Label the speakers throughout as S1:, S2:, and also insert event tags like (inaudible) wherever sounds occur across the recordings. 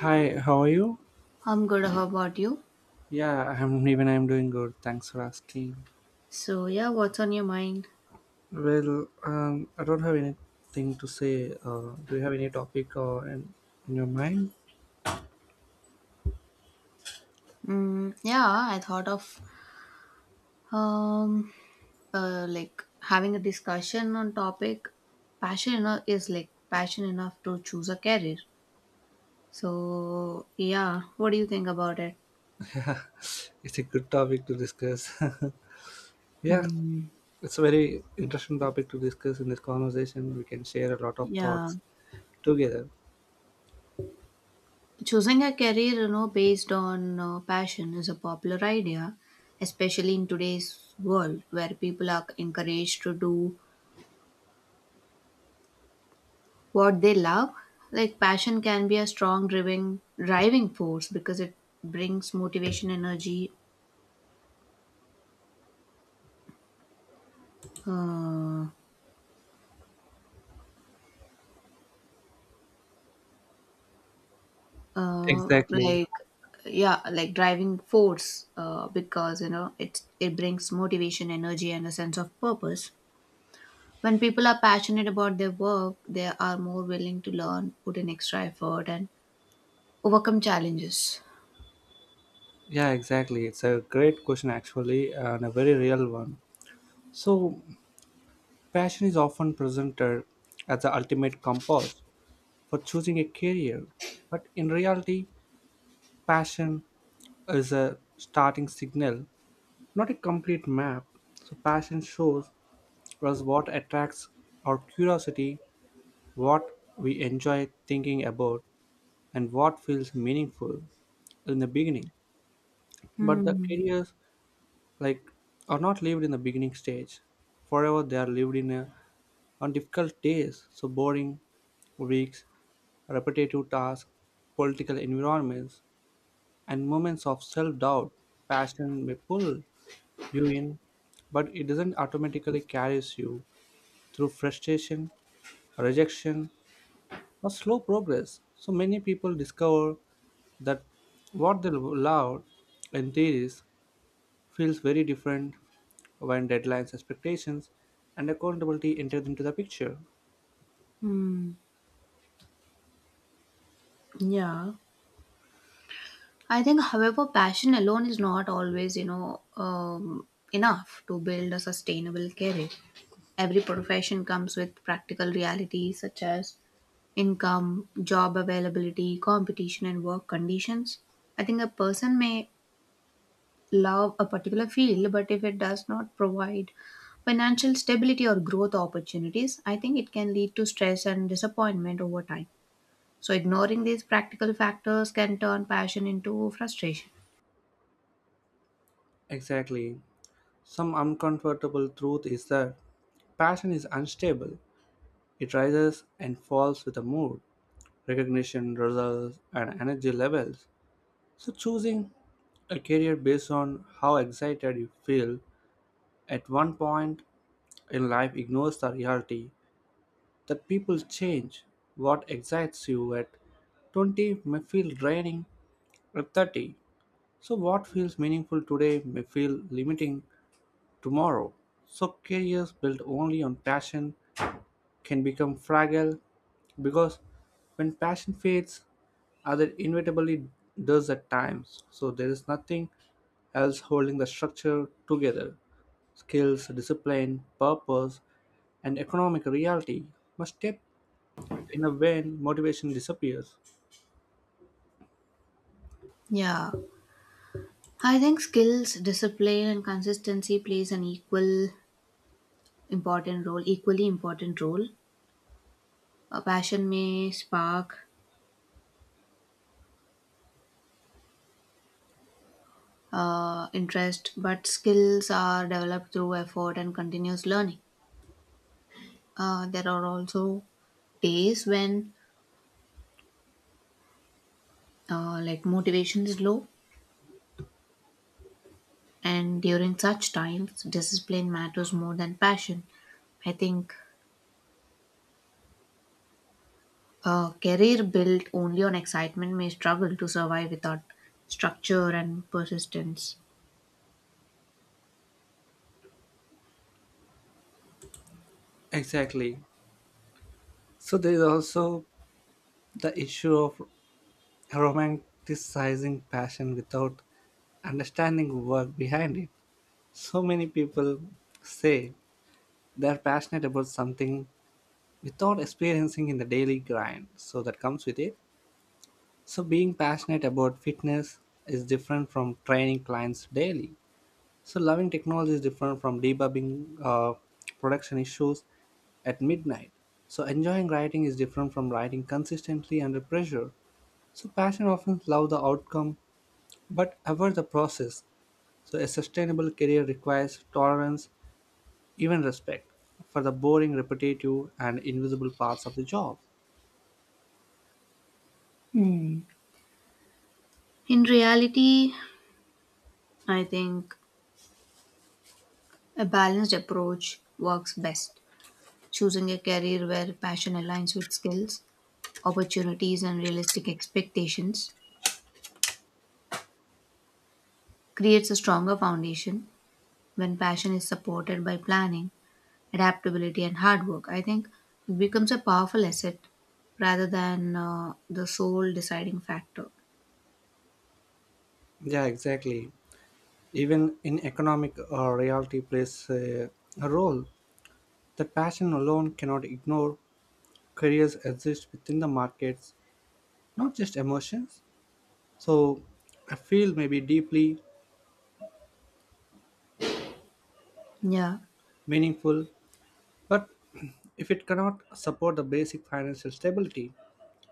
S1: Hi, how are you?
S2: I'm good. How about you?
S1: Yeah, I'm doing good. Thanks for asking.
S2: So yeah, what's on your mind?
S1: Well, I don't have anything to say. Do you have any topic in your mind?
S2: Yeah, I thought of um, like having a discussion on topic. Passion enough is like passion enough to choose a career. So yeah, what do you think about it?
S1: It's a good topic to discuss. (laughs) Yeah,
S2: Hmm.
S1: it's a very interesting topic to discuss in this conversation. We can share a lot of
S2: Yeah,
S1: thoughts together.
S2: choosing a career, you know, based on passion is a popular idea, especially in today's world where people are encouraged to do what they love like passion can be a strong driving force because it brings motivation energy uh, uh,
S1: Exactly.
S2: like yeah like driving force because you know it brings motivation energy and a sense of purpose. When people are passionate about their work, they are more willing to learn, put in extra effort and overcome challenges.
S1: Yeah, exactly. It's a great question actually, and a very real one. So, passion is often presented as the ultimate compass for choosing a career. But in reality, passion is a starting signal, not a complete map. So, passion shows us what attracts our curiosity, what we enjoy thinking about, and what feels meaningful in the beginning. But the
S2: Hmm.
S1: careers, like, are not lived in the beginning stage. Forever, they are lived on difficult days, so boring weeks, repetitive tasks, political environments, and moments of self doubt. Passion may pull you in, but it doesn't automatically carries you through frustration, rejection, or slow progress. So many people discover that what they love in theories feels very different when deadlines, expectations, and accountability enter into the picture.
S2: Hmm. Yeah, I think, however, passion alone is not always, you know, enough to build a sustainable career. Every profession comes with practical realities such as income, job availability, competition, and work conditions. I think a person may love a particular field, but if it does not provide financial stability or growth opportunities, I think it can lead to stress and disappointment over time. So, ignoring these practical factors can turn passion into frustration.
S1: Exactly. Some uncomfortable truth is that passion is unstable. It rises and falls with the mood, recognition, results, and energy levels. So, choosing a career based on how excited you feel at one point in life ignores the reality that people change. What excites you at 20 may feel draining at 30. So, what feels meaningful today may feel limiting tomorrow. So, careers built only on passion can become fragile because when passion fades, other inevitably does at times. So there is nothing else holding the structure together. Skills, discipline, purpose, and economic reality must step in a when motivation disappears.
S2: Yeah. I think skills, discipline, and consistency plays an equal important role, equally important role. A passion may spark interest, but skills are developed through effort and continuous learning. There are also days when like motivation is low, and during such times, discipline matters more than passion. I think a career built only on excitement may struggle to survive without structure and persistence.
S1: Exactly. So there is also the issue of romanticizing passion without understanding work behind it. So many people say they're passionate about something without experiencing in the daily grind so that comes with it, so being passionate about fitness is different from training clients daily, so loving technology is different from debugging uh, production issues at midnight, so enjoying writing is different from writing consistently under pressure, so passion often love the outcome but avoid the process, so a sustainable career requires tolerance, even respect for the boring, repetitive, and invisible parts of the job.
S2: Hmm. In reality, I think a balanced approach works best, choosing a career where passion aligns with skills, opportunities, and realistic expectations. Creates a stronger foundation when passion is supported by planning, adaptability, and hard work. I think it becomes a powerful asset rather than the sole deciding factor.
S1: Yeah, exactly. Even in economic reality plays a role that passion alone cannot ignore. Careers exist within the markets, not just emotions. So a field may be deeply
S2: Yeah,
S1: meaningful, but (clears throat) if it cannot support the basic financial stability,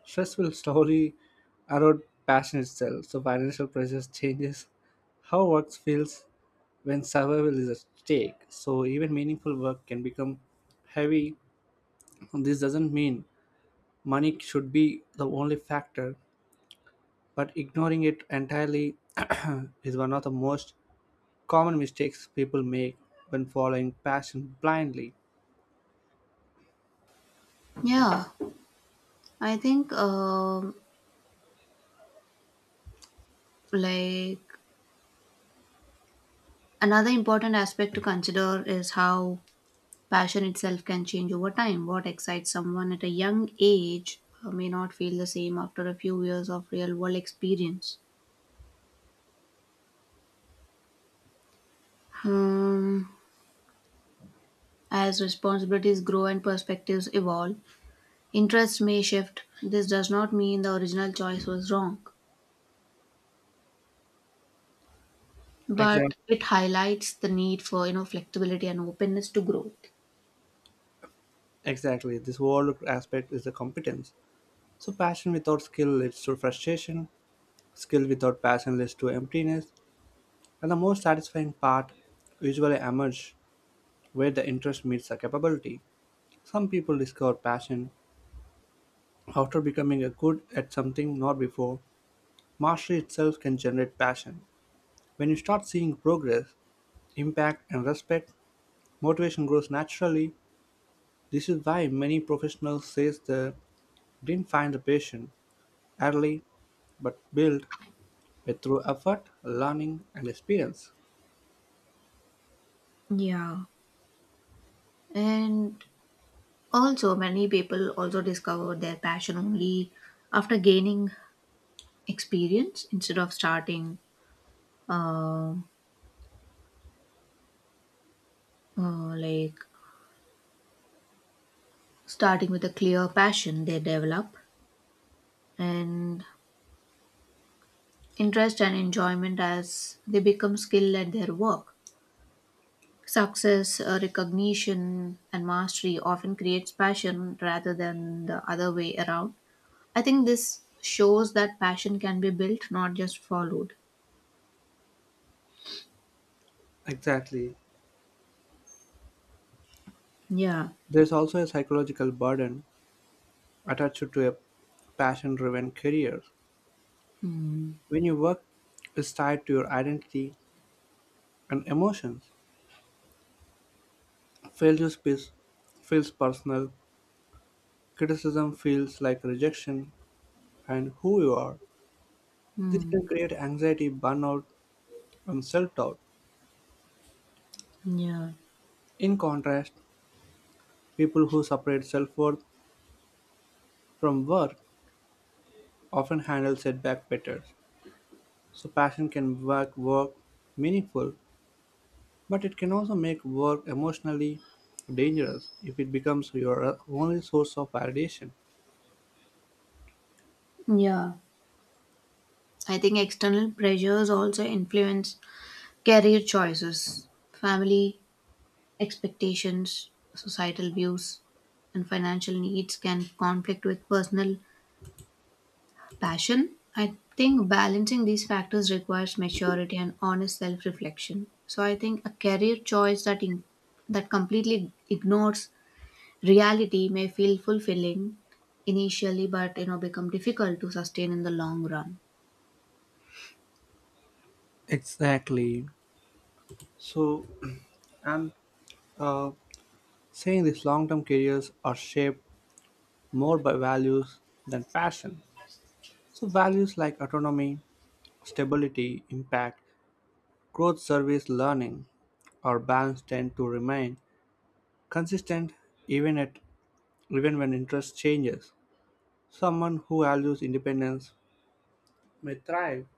S1: stress will slowly erode passion itself, so financial pressures changes how work feels when survival is at stake. So even meaningful work can become heavy. This doesn't mean money should be the only factor, but ignoring it entirely (clears throat) is one of the most common mistakes people make when following passion blindly.
S2: yeah. I think like another important aspect to consider is how passion itself can change over time. What excites someone at a young age may not feel the same after a few years of real world experience. Um, as responsibilities grow and perspectives evolve, interests may shift. This does not mean the original choice was wrong,
S1: Exactly.
S2: but it highlights the need for you know flexibility and openness to growth.
S1: Exactly. This whole aspect is the competence. So passion without skill leads to frustration, skill without passion leads to emptiness, and the most satisfying part usually emerges where the interest meets the capability. Some people discover passion after becoming a good at something not before. Mastery itself can generate passion. When you start seeing progress, impact, and respect, motivation grows naturally. This is why many professionals say they didn't find the passion early but built it through effort, learning, and experience.
S2: Yeah. And also, many people also discover their passion only after gaining experience instead of starting uh, uh, like starting with a clear passion. They develop and interest and enjoyment as they become skilled at their work. Success, recognition and mastery often creates passion rather than the other way around. I think this shows that passion can be built, not just followed.
S1: Exactly.
S2: Yeah.
S1: There is also a psychological burden attached to a passion driven career.
S2: Hmm.
S1: When your work is tied to your identity and emotions, failure feels feels personal, criticism feels like rejection, and who you are. This
S2: Hmm.
S1: can create anxiety, burnout, and self doubt.
S2: Yeah,
S1: In contrast, people who separate self worth from work often handle setback better. So, passion can make work meaningful, but it can also make work emotionally dangerous if it becomes your only source of validation.
S2: yeah. I think external pressures also influence career choices. Family expectations, societal views, and financial needs can conflict with personal passion. I think balancing these factors requires maturity and honest self-reflection. So I think a career choice that that completely ignores reality may feel fulfilling initially, but you know become difficult to sustain in the long run.
S1: Exactly. So, (clears throat) I'm uh, saying these long term careers are shaped more by values than passion. So, values like autonomy, stability, impact, growth, service, learning, or balance tend to remain consistent even at even when interest changes. Someone who values independence may thrive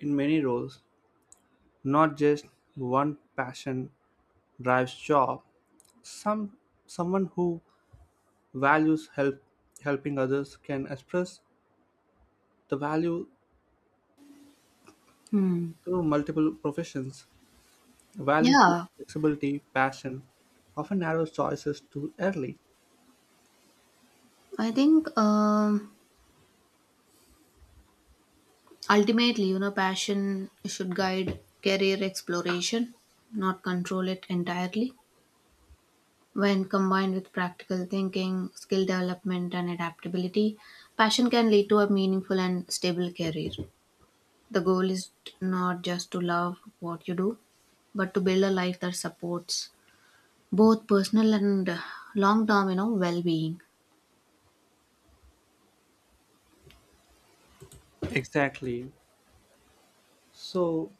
S1: in many roles, not just one passion drives job, some someone who values help helping others can express the value
S2: Hmm.
S1: through multiple professions. Value gives
S2: Yeah,
S1: flexibility, passion often narrows choices too early.
S2: I think. Ultimately, you know, passion should guide career exploration, not control it entirely. When combined with practical thinking, skill development, and adaptability, passion can lead to a meaningful and stable career. The goal is not just to love what you do, but to build a life that supports both personal and long term, you know, well being.
S1: Exactly, so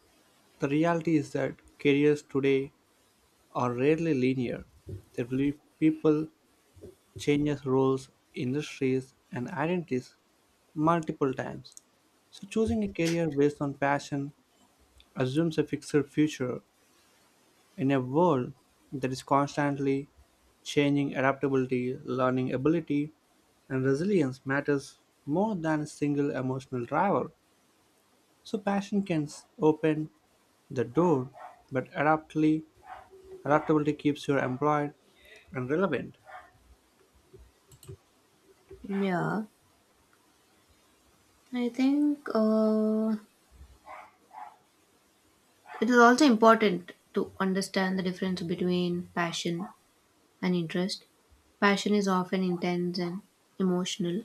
S1: the reality is that careers today are rarely linear. There will be people changes roles, industries, and identities multiple times. So, choosing a career based on passion assumes a fixed future in a world that is constantly changing. Adaptability, learning ability, and resilience matters more than a single emotional driver. So, open the door, but adaptability keeps you employed and relevant.
S2: Yeah, I think it is also important to understand the difference between passion and interest. Passion is often intense and emotional,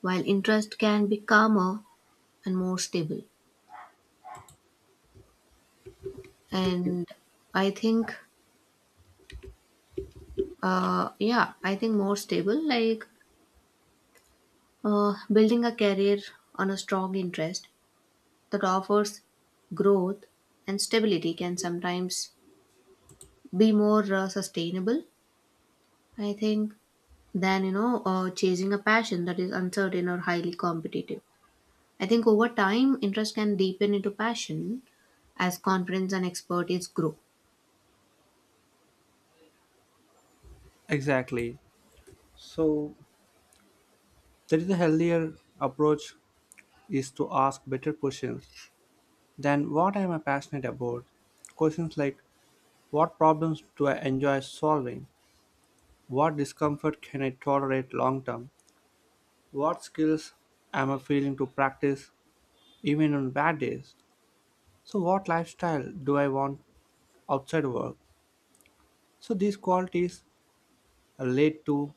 S2: while interest can be calmer and more stable. And I think, yeah, I think more stable, like building a career on a strong interest that offers growth and stability can sometimes be more sustainable, I think, than, you know, chasing a passion that is uncertain or highly competitive. I think over time, interest can deepen into passion as confidence and expertise grow.
S1: Exactly. So, there is a healthier approach is to ask better questions than what am I am passionate about? Questions like what problems do I enjoy solving? What discomfort can I tolerate long term? What skills am I feeling to practice even on bad days? So what lifestyle do I want outside work? So these qualities are led to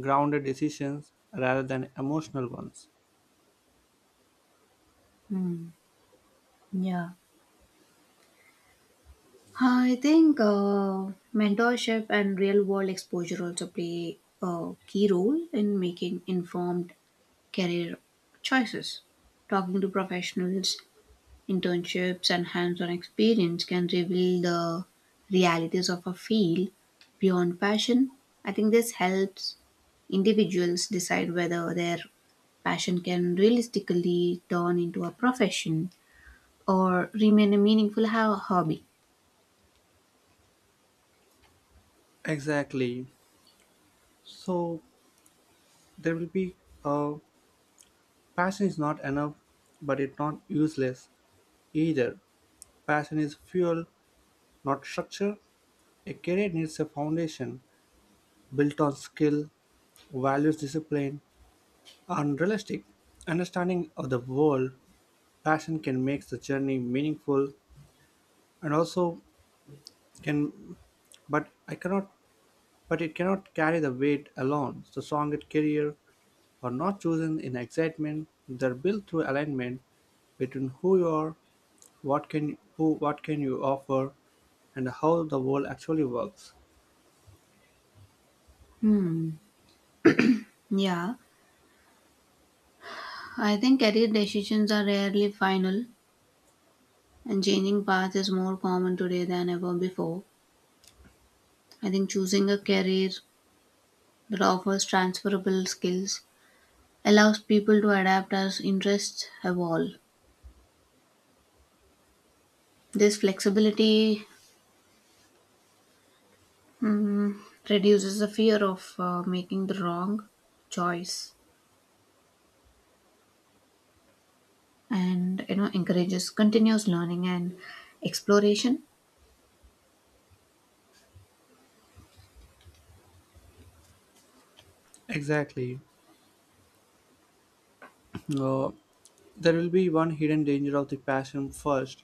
S1: grounded decisions rather than emotional ones.
S2: Hmm. Yeah. I think mentorship and real world exposure also play a key role in making informed career choices. Talking to professionals, internships and hands-on experience can reveal the realities of a field beyond passion. I think this helps individuals decide whether their passion can realistically turn into a profession or remain a meaningful hobby.
S1: Exactly. So there will be a Passion is not enough, but it's not useless either. Passion is fuel, not structure. A career needs a foundation built on skill, values, discipline, and realistic understanding of the world. Passion can make the journey meaningful and also can, but I cannot, but it cannot carry the weight alone. So, strong at career are not chosen in excitement, they're built through alignment between who you are, what can you offer, and how the world actually works.
S2: Hmm. Yeah. I think career decisions are rarely final, and changing paths is more common today than ever before. I think choosing a career that offers transferable skills allows people to adapt as interests evolve. This flexibility mm, reduces the fear of making the wrong choice and you know encourages continuous learning and exploration.
S1: Exactly. Uh, there will be one hidden danger of the passion first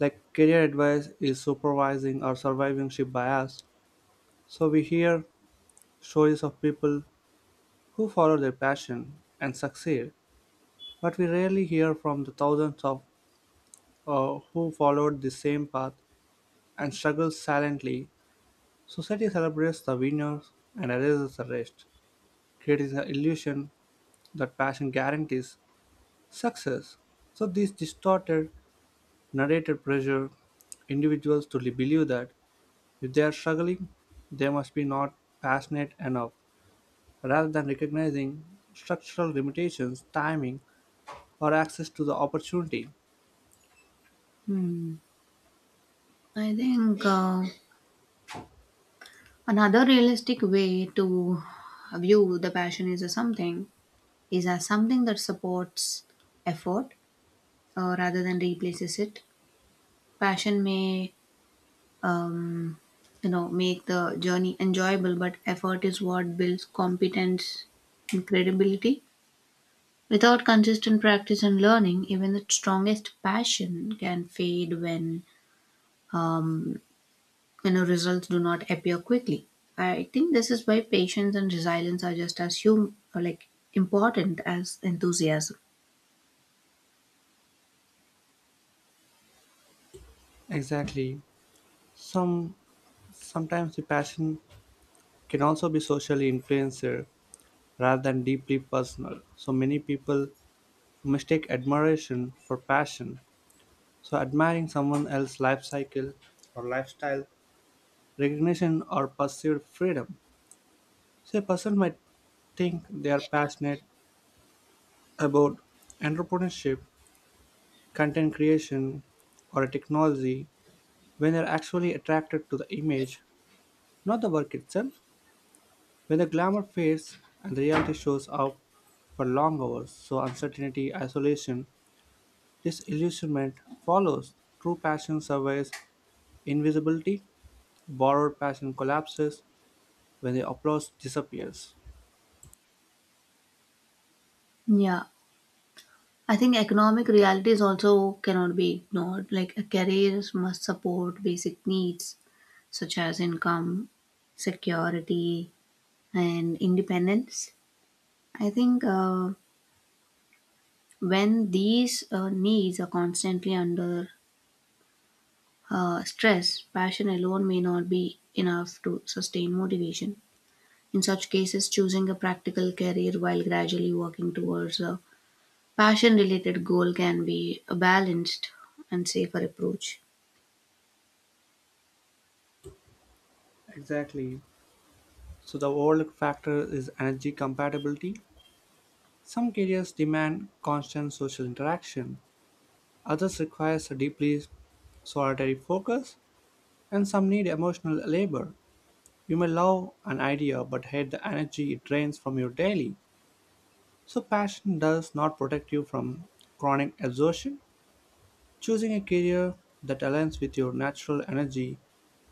S1: like career advice is supervising or survivorship bias, so we hear stories of people who follow their passion and succeed but we rarely hear from the thousands of who followed the same path and struggled silently. Society celebrates the winners and erases the rest, creating the illusion that passion guarantees success. So, these distorted, narrated pressure individuals to believe that if they are struggling, they must be not passionate enough, rather than recognizing structural limitations, timing, or access to the opportunity.
S2: Hmm. I think another realistic way to view the passion is as something that supports effort rather than replaces it. Passion may um, you know make the journey enjoyable, but effort is what builds competence and credibility. Without consistent practice and learning, even the strongest passion can fade when um, you know results do not appear quickly. I think this is why patience and resilience are just as hum- or like important as enthusiasm.
S1: Exactly. Some Sometimes the passion can also be socially influenced rather than deeply personal. So many people mistake admiration for passion. So, admiring someone else's life cycle or lifestyle, recognition or pursued freedom. So, a person might think they are passionate about entrepreneurship, content creation, or a technology when they're actually attracted to the image, not the work itself. When the glamour fades and the reality shows up for long hours, so uncertainty, isolation, disillusionment follows. True passion survives invisibility, borrowed passion collapses when the applause disappears.
S2: Yeah, I think economic realities also cannot be ignored. Like a career must support basic needs such as income, security, and independence. I think when these needs are constantly under stress, passion alone may not be enough to sustain motivation. In such cases, choosing a practical career while gradually working towards a passion related goal can be a balanced and safer approach.
S1: Exactly. So the overlooked factor is energy compatibility. Some careers demand constant social interaction, others require a deeply solitary focus, and some need emotional labor. You may love an idea but hate the energy it drains from your daily. So passion does not protect you from chronic exhaustion. Choosing a career that aligns with your natural energy,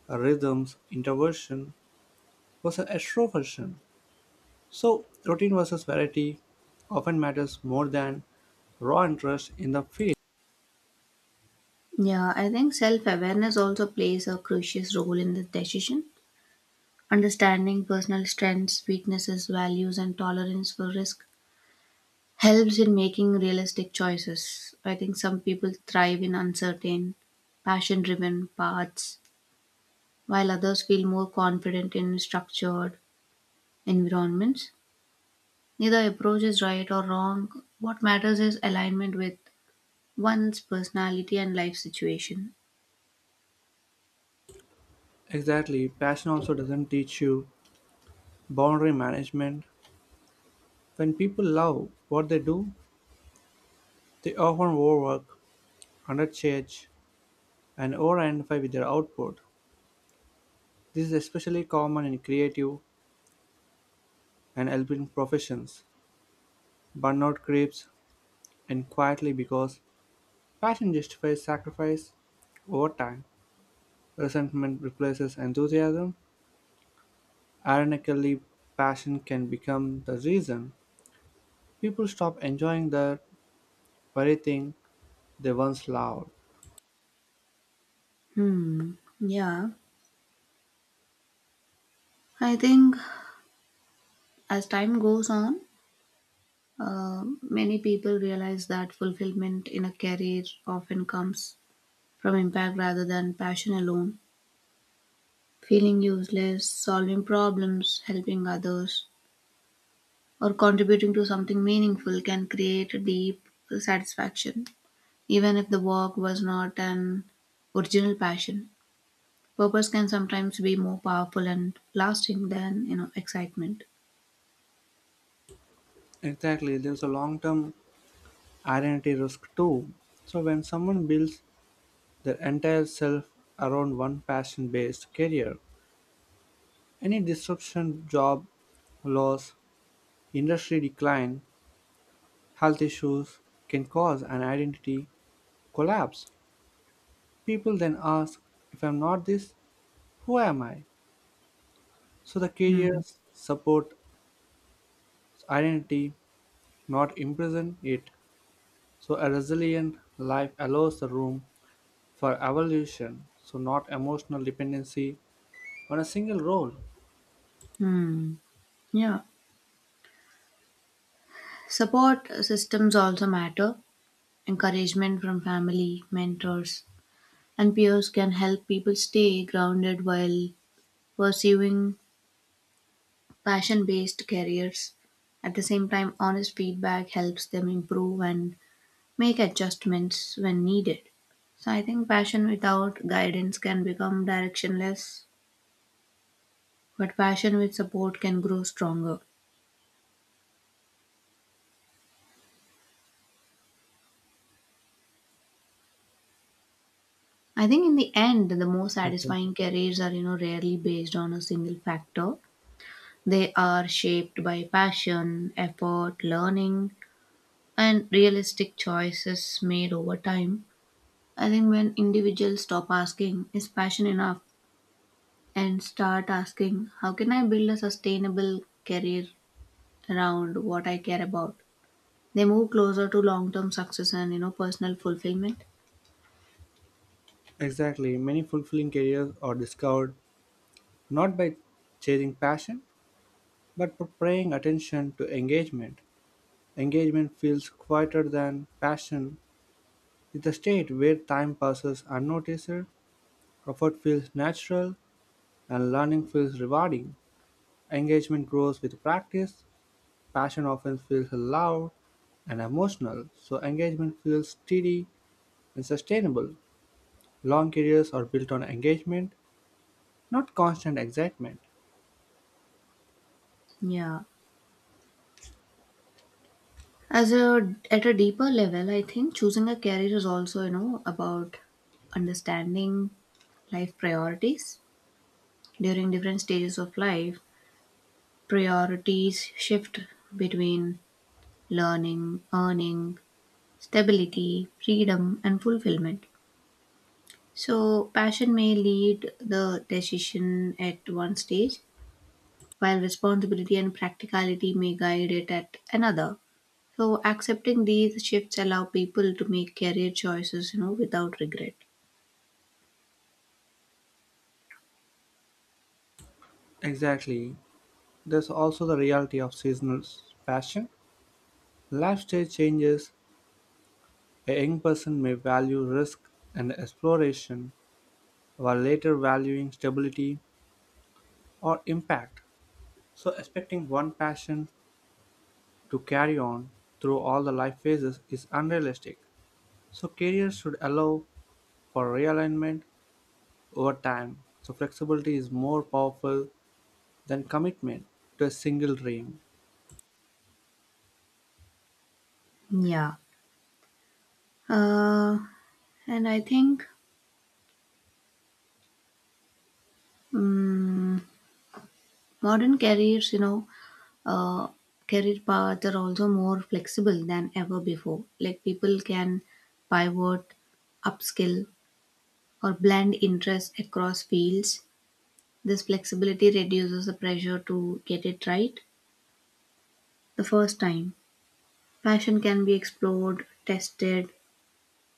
S1: rhythms, introversion versus extroversion, so routine versus variety often matters more than raw interest in the field.
S2: Yeah, I think self awareness also plays a crucial role in the decision. Understanding personal strengths, weaknesses, values, and tolerance for risk helps in making realistic choices. I think some people thrive in uncertain, passion driven paths, while others feel more confident in structured environments. Neither approach is right or wrong. What matters is alignment with one's personality and life situation.
S1: Exactly, passion also doesn't teach you boundary management. When people love what they do, they often overwork, undercharge, and over-identify with their output. This is especially common in creative and helping professions. Burnout creeps in quietly because passion justifies sacrifice over time. Resentment replaces enthusiasm. Ironically, passion can become the reason people stop enjoying the very thing they once loved.
S2: Hmm. Yeah. I think as time goes on, many people realize that fulfillment in a career often comes from impact rather than passion alone. Feeling useless, solving problems, helping others, or contributing to something meaningful can create a deep satisfaction, even if the work was not an original passion. Purpose can sometimes be more powerful and lasting than you know excitement.
S1: Exactly, there's a long term identity risk too. So, when someone builds their entire self around one passion based career, any disruption, job loss, industry decline, health issues can cause an identity collapse. People then ask, if I'm not this, who am I? So the
S2: Hmm.
S1: careers support identity, not imprison it. So a resilient life allows the room for evolution, so not emotional dependency on a single role.
S2: Hmm. Yeah. Support systems also matter. Encouragement from family, mentors, and peers can help people stay grounded while pursuing passion based careers. At the same time, honest feedback helps them improve and make adjustments when needed. So I think passion without guidance can become directionless, but passion with support can grow stronger. I think in the end, the most
S1: Exactly.
S2: satisfying careers are, you know, rarely based on a single factor. They are shaped by passion, effort, learning, and realistic choices made over time. I think when individuals stop asking, is passion enough? And start asking, how can I build a sustainable career around what I care about? They move closer to long term success and you know personal fulfillment.
S1: Exactly. Many fulfilling careers are discovered not by chasing passion, but by paying attention to engagement. Engagement feels quieter than passion. It's a state where time passes unnoticed, effort feels natural, and learning feels rewarding. Engagement grows with practice. Passion often feels loud and emotional, so engagement feels steady and sustainable. Long careers are built on engagement, not constant excitement.
S2: Yeah. As a At a deeper level, I think choosing a career is also, you know, about understanding life priorities. During different stages of life, priorities shift between learning, earning, stability, freedom, and fulfillment. So, passion may lead the decision at one stage, while responsibility and practicality may guide it at another. So, accepting these shifts allow people to make career choices, you know, without regret.
S1: Exactly. There's also the reality of seasonal passion. Life stage changes. A young person may value risk and exploration, while later valuing stability or impact. So, expecting one passion to carry on through all the life phases is unrealistic. So, careers should allow for realignment over time. So flexibility is more powerful than commitment to a single dream.
S2: Yeah. Uh, and I think. Mm Modern careers, you know, uh, career paths are also more flexible than ever before. Like people can pivot, upskill, or blend interests across fields. This flexibility reduces the pressure to get it right the first time. Passion can be explored, tested,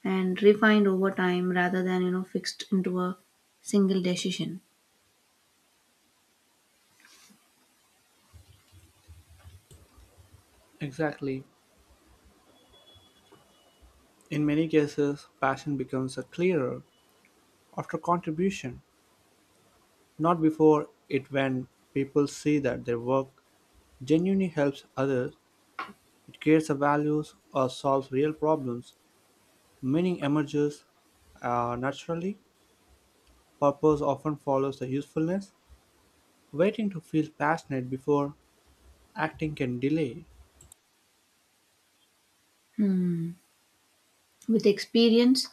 S2: and refined over time rather than, you know, fixed into a single decision.
S1: Exactly. In many cases, passion becomes a clearer after contribution, not before it. When people see that their work genuinely helps others, it creates a values or solves real problems. Meaning emerges naturally. Purpose often follows the usefulness. Waiting to feel passionate before acting can delay.
S2: Hmm. With experience,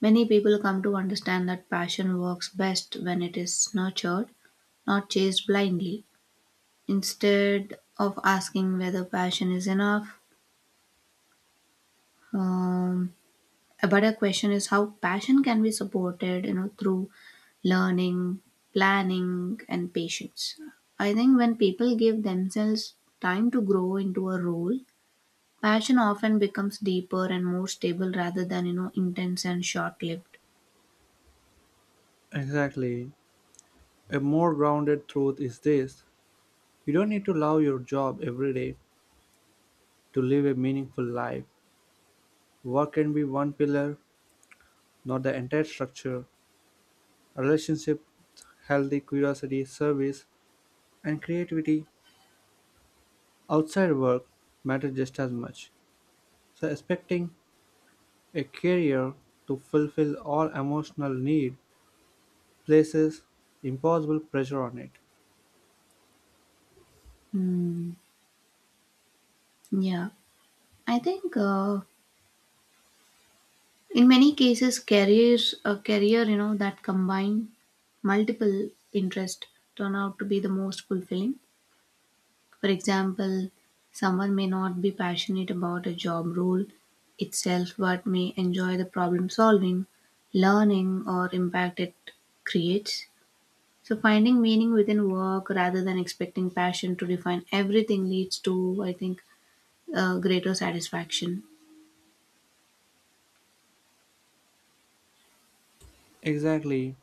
S2: many people come to understand that passion works best when it is nurtured, not chased blindly. Instead of asking whether passion is enough, um, a better question is how passion can be supported, you know, through learning, planning, and patience. I think when people give themselves time to grow into a role, passion often becomes deeper and more stable rather than you know intense and short-lived.
S1: Exactly. A more grounded truth is this, you don't need to love your job every day to live a meaningful life. Work can be one pillar, not the entire structure. Relationships, healthy curiosity, service, and creativity outside work matter just as much. So, expecting a career to fulfill all emotional need places impossible pressure on it.
S2: Hmm. Yeah. I think in many cases, a career, you know, that combine multiple interests turn out to be the most fulfilling. For example, someone may not be passionate about a job role itself, but may enjoy the problem solving, learning, or impact it creates. So, finding meaning within work rather than expecting passion to define everything leads to, I think, greater satisfaction.
S1: Exactly,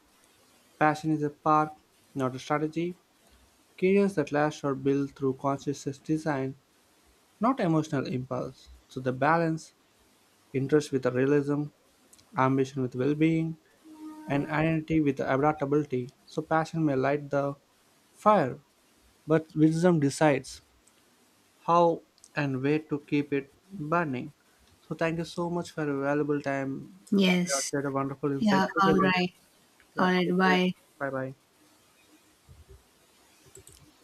S1: passion is a path, not a strategy. Careers that last are built through conscious design, not emotional impulse. So the balance, interest with realism, ambition with well-being, and identity with adaptability. So passion may light the fire, but wisdom decides how and where to keep it burning. So thank you so much for your valuable time. You have
S2: Yes.
S1: shared a wonderful insight
S2: Yeah. All
S1: together.
S2: right. All
S1: Yeah,
S2: right,
S1: take care.
S2: bye.
S1: Bye bye.